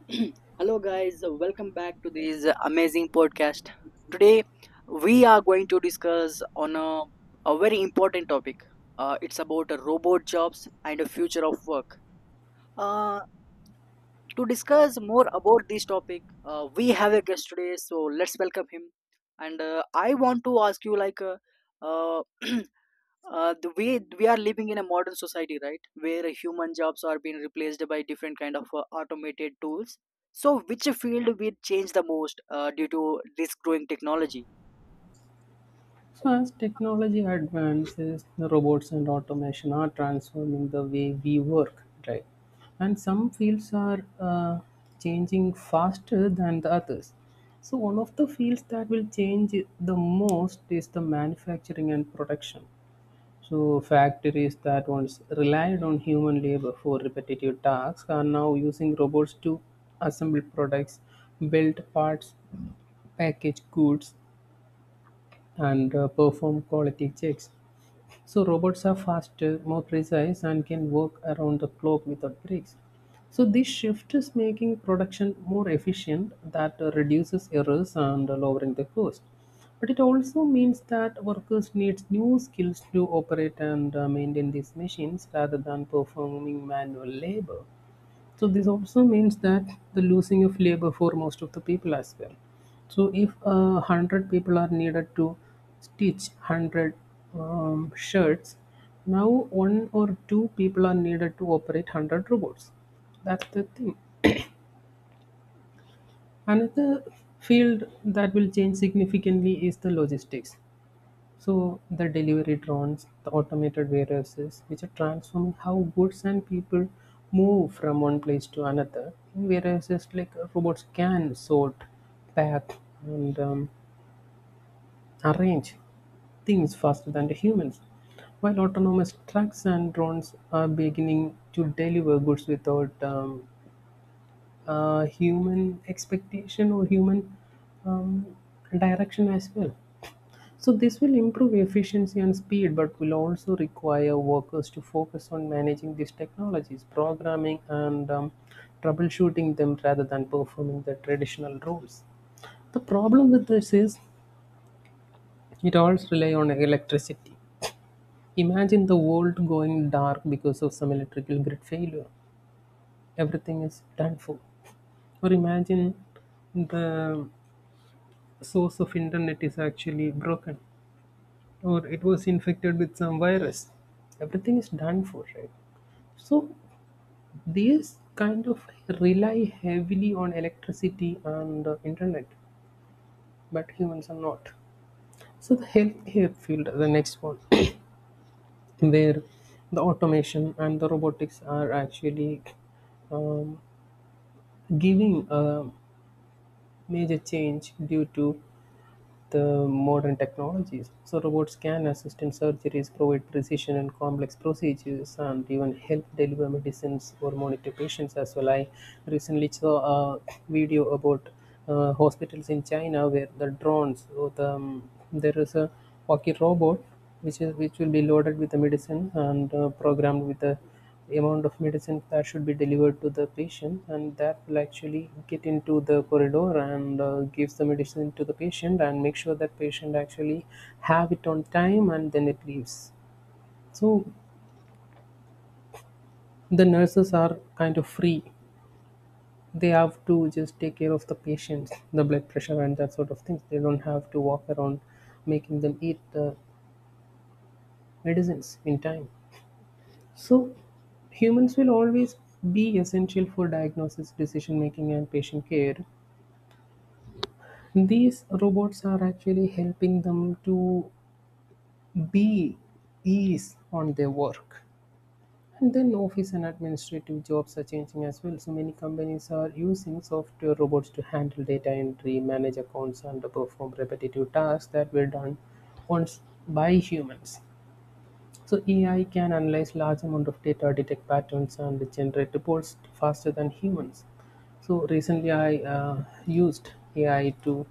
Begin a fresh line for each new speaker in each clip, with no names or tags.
Hello, guys. Welcome back to this amazing podcast. Today, we are going to discuss on a very important topic. It's about robot jobs and the future of work. Uh, to discuss more about this topic, we have a guest today, so let's welcome him. And I want to ask you, like, uh, the way we are living in a modern society, right, where human jobs are being replaced by different kind of automated tools. So, which field will change the most due to this growing technology?
So, as technology advances, the robots and automation are transforming the way we work, right? And some fields are changing faster than the others. So, one of the fields that will change the most is the manufacturing and production. So, factories that once relied on human labor for repetitive tasks are now using robots to assemble products, build parts, package goods, and perform quality checks. So robots are faster, more precise, and can work around the clock without breaks. So this shift is making production more efficient, that reduces errors and lowering the cost. But it also means that workers need new skills to operate and maintain these machines rather than performing manual labor. So this also means that the losing of labor for most of the people as well. So if 100 people are needed to stitch 100 shirts, now one or two people are needed to operate 100 robots. That's the thing. Another field that will change significantly is the logistics. So the delivery drones, the automated warehouses, which are transforming how goods and people move from one place to another. In warehouses, like robots can sort, pack, and arrange things faster than the humans. While autonomous trucks and drones are beginning to deliver goods without human expectation or human um, direction as well. So this will improve efficiency and speed, but will also require workers to focus on managing these technologies, programming and troubleshooting them rather than performing the traditional roles. The problem with this is it all rely on electricity. Imagine the world going dark because of some electrical grid failure. Everything is done for. Or imagine the source of internet is actually broken or it was infected with some virus. Everything is done for, right? So these kind of rely heavily on electricity and internet, but humans are not. So the healthcare field, the next one, where the automation and the robotics are actually um, giving a major change due to the modern technologies. So robots can assist in surgeries, provide precision and complex procedures, and even help deliver medicines or monitor patients as well. I recently saw a video about hospitals in China where the drones, or the there is a walkie robot which will be loaded with the medicine and programmed with the amount of medicine that should be delivered to the patient, and that will actually get into the corridor and gives the medicine to the patient and make sure that patient actually have it on time and then it leaves. So the nurses are kind of free. They have to just take care of the patients, the blood pressure and that sort of things. They don't have to walk around making them eat the medicines in time. So humans will always be essential for diagnosis, decision making, and patient care. These robots are actually helping them to be ease on their work. And then office and administrative jobs are changing as well. So many companies are using software robots to handle data entry, manage accounts, and perform repetitive tasks that were done once by humans. So AI can analyze large amount of data, detect patterns, and generate reports faster than humans. So recently, I used AI to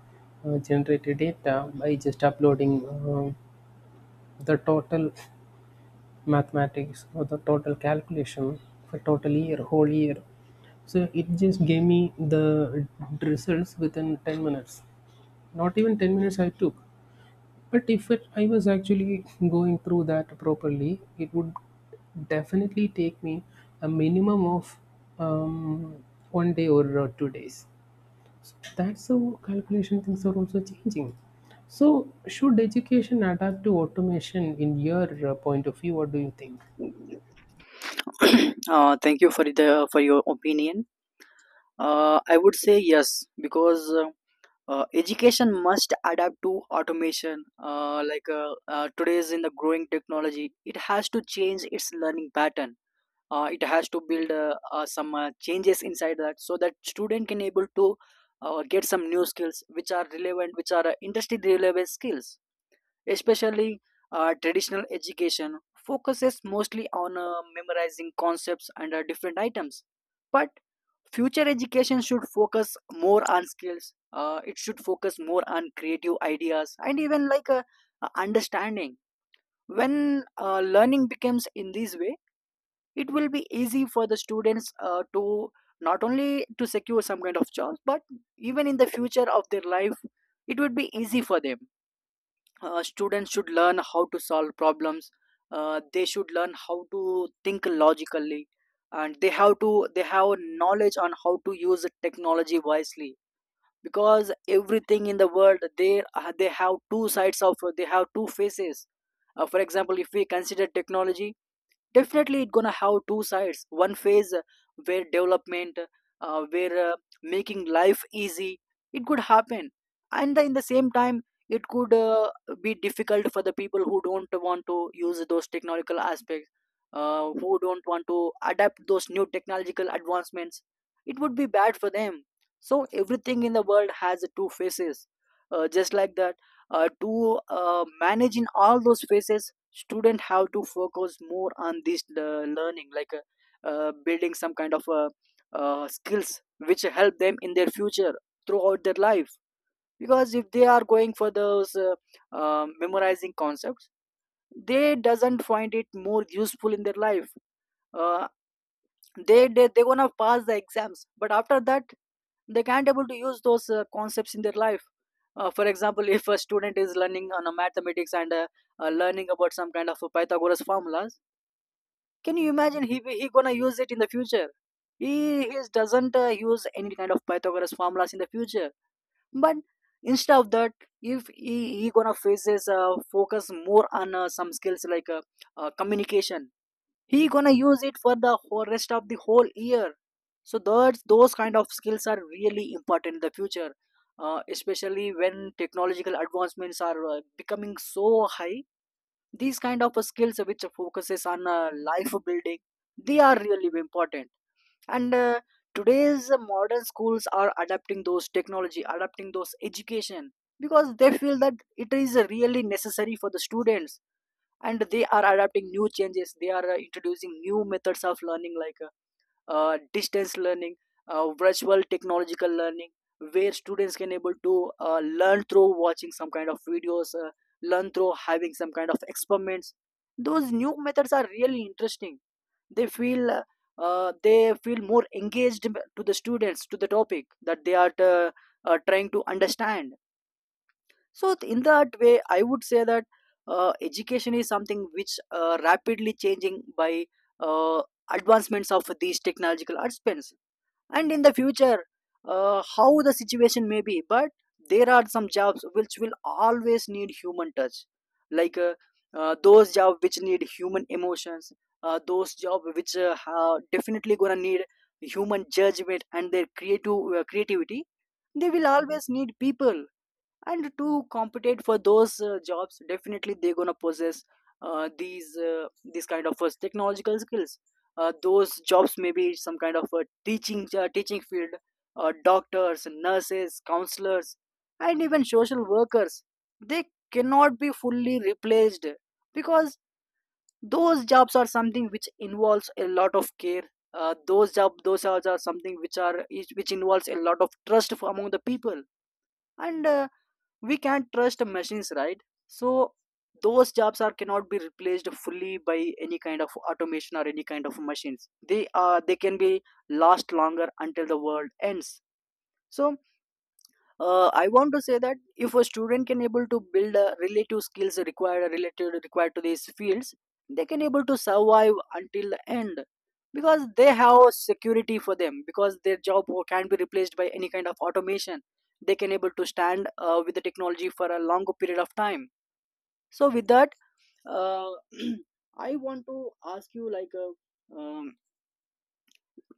generate the data by just uploading the total mathematics or the total calculation for total year, whole year. So it just gave me the results within 10 minutes. Not even 10 minutes I took. But if it, I was actually going through that properly, it would definitely take me a minimum of um, one day or two days. So that's how calculation things are also changing. So, should education adapt to automation in your point of view? What do you think?
Thank you for the for your opinion. I would say yes because. Education must adapt to automation today's in the growing technology, it has to change its learning pattern. It has to build some changes inside that so that student can able to get some new skills which are relevant, which are industry relevant skills. Especially traditional education focuses mostly on memorizing concepts and different items, but future education should focus more on skills. It should focus more on creative ideas and even like a understanding. When learning becomes in this way, it will be easy for the students to not only to secure some kind of jobs, but even in the future of their life, it would be easy for them. Students should learn how to solve problems. They should learn how to think logically, and they have knowledge on how to use the technology wisely, because everything in the world, they have two sides of, they have two faces. For example, if we consider technology, definitely it's gonna have two sides. One phase where development, where making life easy, it could happen. And in the same time, it could be difficult for the people who don't want to use those technological aspects, who don't want to adapt those new technological advancements. It would be bad for them. So everything in the world has two faces. Just like that, to manage in all those phases, student have to focus more on learning, like building some kind of skills which help them in their future throughout their life. Because if they are going for those memorizing concepts, they doesn't find it more useful in their life. uh, they gonna pass the exams, but after that they can't able to use those concepts in their life. For example, if a student is learning on a mathematics and learning about some kind of Pythagoras formulas, can you imagine he gonna use it in the future? He doesn't use any kind of Pythagoras formulas in the future. But instead of that, if he gonna faces focus more on some skills like communication, he gonna use it for the whole rest of the whole year. So those kind of skills are really important in the future. Especially when technological advancements are becoming so high, these kind of skills which focuses on life building, they are really important. And today's modern schools are adapting those technology, adapting those education, because they feel that it is really necessary for the students, and they are adapting new changes. They are introducing new methods of learning, like distance learning, virtual technological learning, where students can able to learn through watching some kind of videos, learn through having some kind of experiments. Those new methods are really interesting. They feel uh, they feel more engaged to the students to the topic that they are trying to understand. So in that way, I would say that education is something which rapidly changing by uh, advancements of these technological advancements. And in the future, how the situation may be, but there are some jobs which will always need human touch, like those jobs which need human emotions, those jobs which are definitely gonna need human judgment and their creative creativity. They will always need people, and to compete for those jobs, definitely they're gonna possess uh, these uh, these kind of technological skills. Those jobs may be some kind of teaching field, doctors, nurses, counselors, and even social workers. They cannot be fully replaced, because those jobs are something which involves a lot of care. Those jobs are something which are which involves a lot of trust among the people. And we can't trust machines, right? So those jobs are cannot be replaced fully by any kind of automation or any kind of machines. They are they can be last longer until the world ends. So I want to say that if a student can able to build a relative skills required related required to these fields, they can able to survive until the end, because they have security for them, because their can be replaced by any kind of automation. They can able to stand with the technology for a longer period of time. So with that, uh, I want to ask you, like,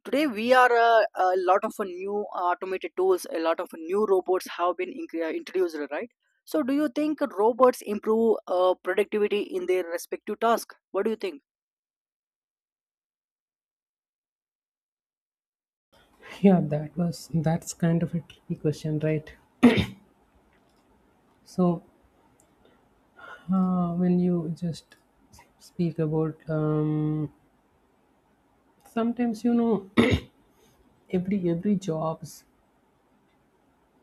today we are a lot of new automated tools, a lot of new robots have been introduced, right? So, do you think robots improve productivity in their respective task? What do you think?
Yeah, that's kind of a tricky question, right? So when you just speak about sometimes you know every jobs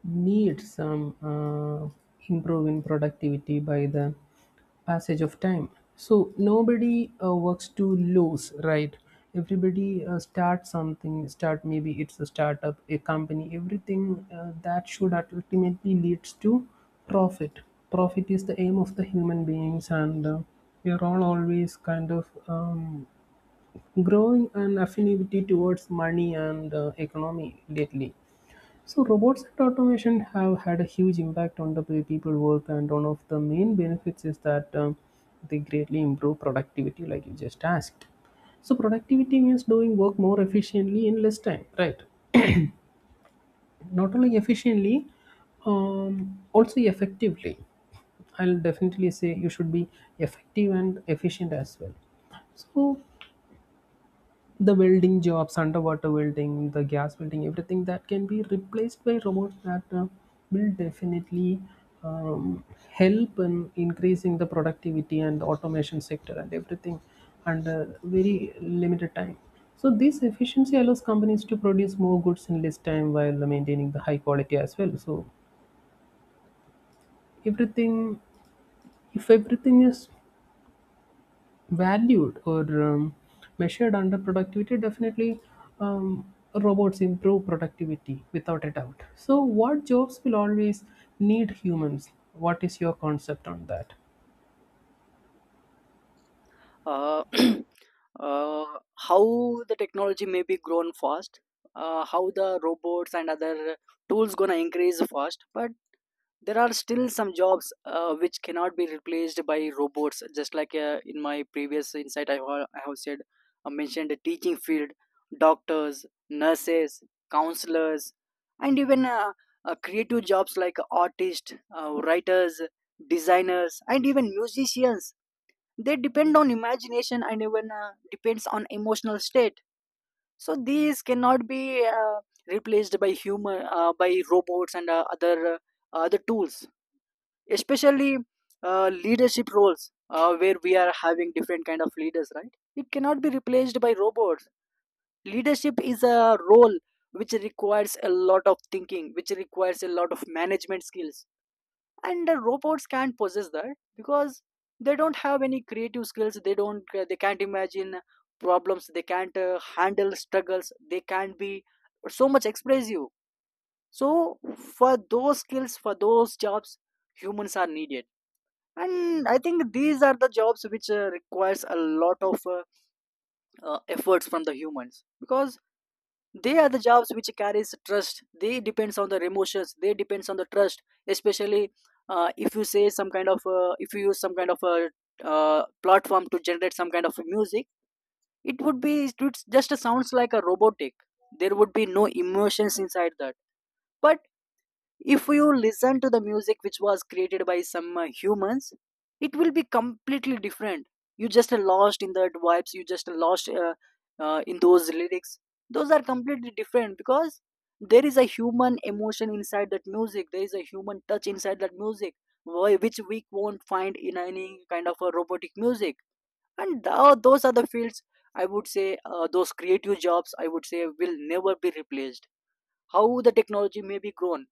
need some improve in productivity by the passage of time. So nobody works too loose, right? Everybody start something, start, maybe it's a startup, a company, everything that should ultimately leads to profit. Profit is the aim of the human beings, and we are all always kind of growing an affinity towards money and economy lately. So robots and automation have had a huge impact on the way people work, and one of the main benefits is that they greatly improve productivity, like you just asked. So productivity means doing work more efficiently in less time, right? Not only efficiently, also effectively. I'll definitely say you should be effective and efficient as well. So the welding jobs, underwater welding, the gas welding, everything that can be replaced by robots that will definitely um, help in increasing the productivity and the automation sector and everything under very limited time. So this efficiency allows companies to produce more goods in less time while maintaining the high quality as well. So everything, if everything is valued or measured under productivity, definitely robots improve productivity without a doubt. So, what jobs will always need humans? What is your concept on that?
Uh, uh, how the technology may be grown fast, how the robots and other tools gonna increase fast, but there are still some jobs which cannot be replaced by robots. Just like in my previous insight, I have said I mentioned the teaching field, doctors, nurses, counselors, and even creative jobs like artists, writers, designers, and even musicians. They depend on imagination and even depends on emotional state. So these cannot be replaced by human by robots and other tools. Especially leadership roles, where we are having different kind of leaders, right, it cannot be replaced by robots. Leadership is a role which requires a lot of thinking, which requires a lot of management skills, and the robots can't possess that, because they don't have any creative skills. They don't they can't imagine problems. They can't handle struggles. They can't be so much expressive. So for those skills, for those jobs, humans are needed. And I think these are the jobs which requires a lot of efforts from the humans, because they are the jobs which carries trust. They depends on the emotions, they depends on the trust. Especially if you say some kind of if you use some kind of a platform to generate some kind of music, it would be it would just sounds like a robotic. There would be no emotions inside that. But if you listen to the music which was created by some humans, it will be completely different. You just lost in that vibes, you just lost in those lyrics. Those are completely different, because there is a human emotion inside that music, there is a human touch inside that music, which we won't find in any kind of a robotic music. And those are the fields. I would say those creative jobs, I would say, will never be replaced, how the technology may be grown.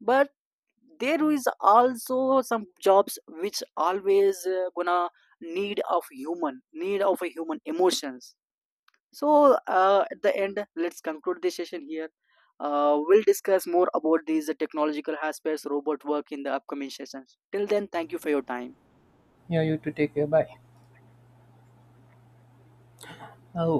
But there is also some jobs which always gonna need of human, need of a human emotions. So at the end, let's conclude this session here. We'll discuss more about these technological aspects, robot work in the upcoming sessions. Till then, thank you for your time.
Yeah, you to take care. Bye. Oh.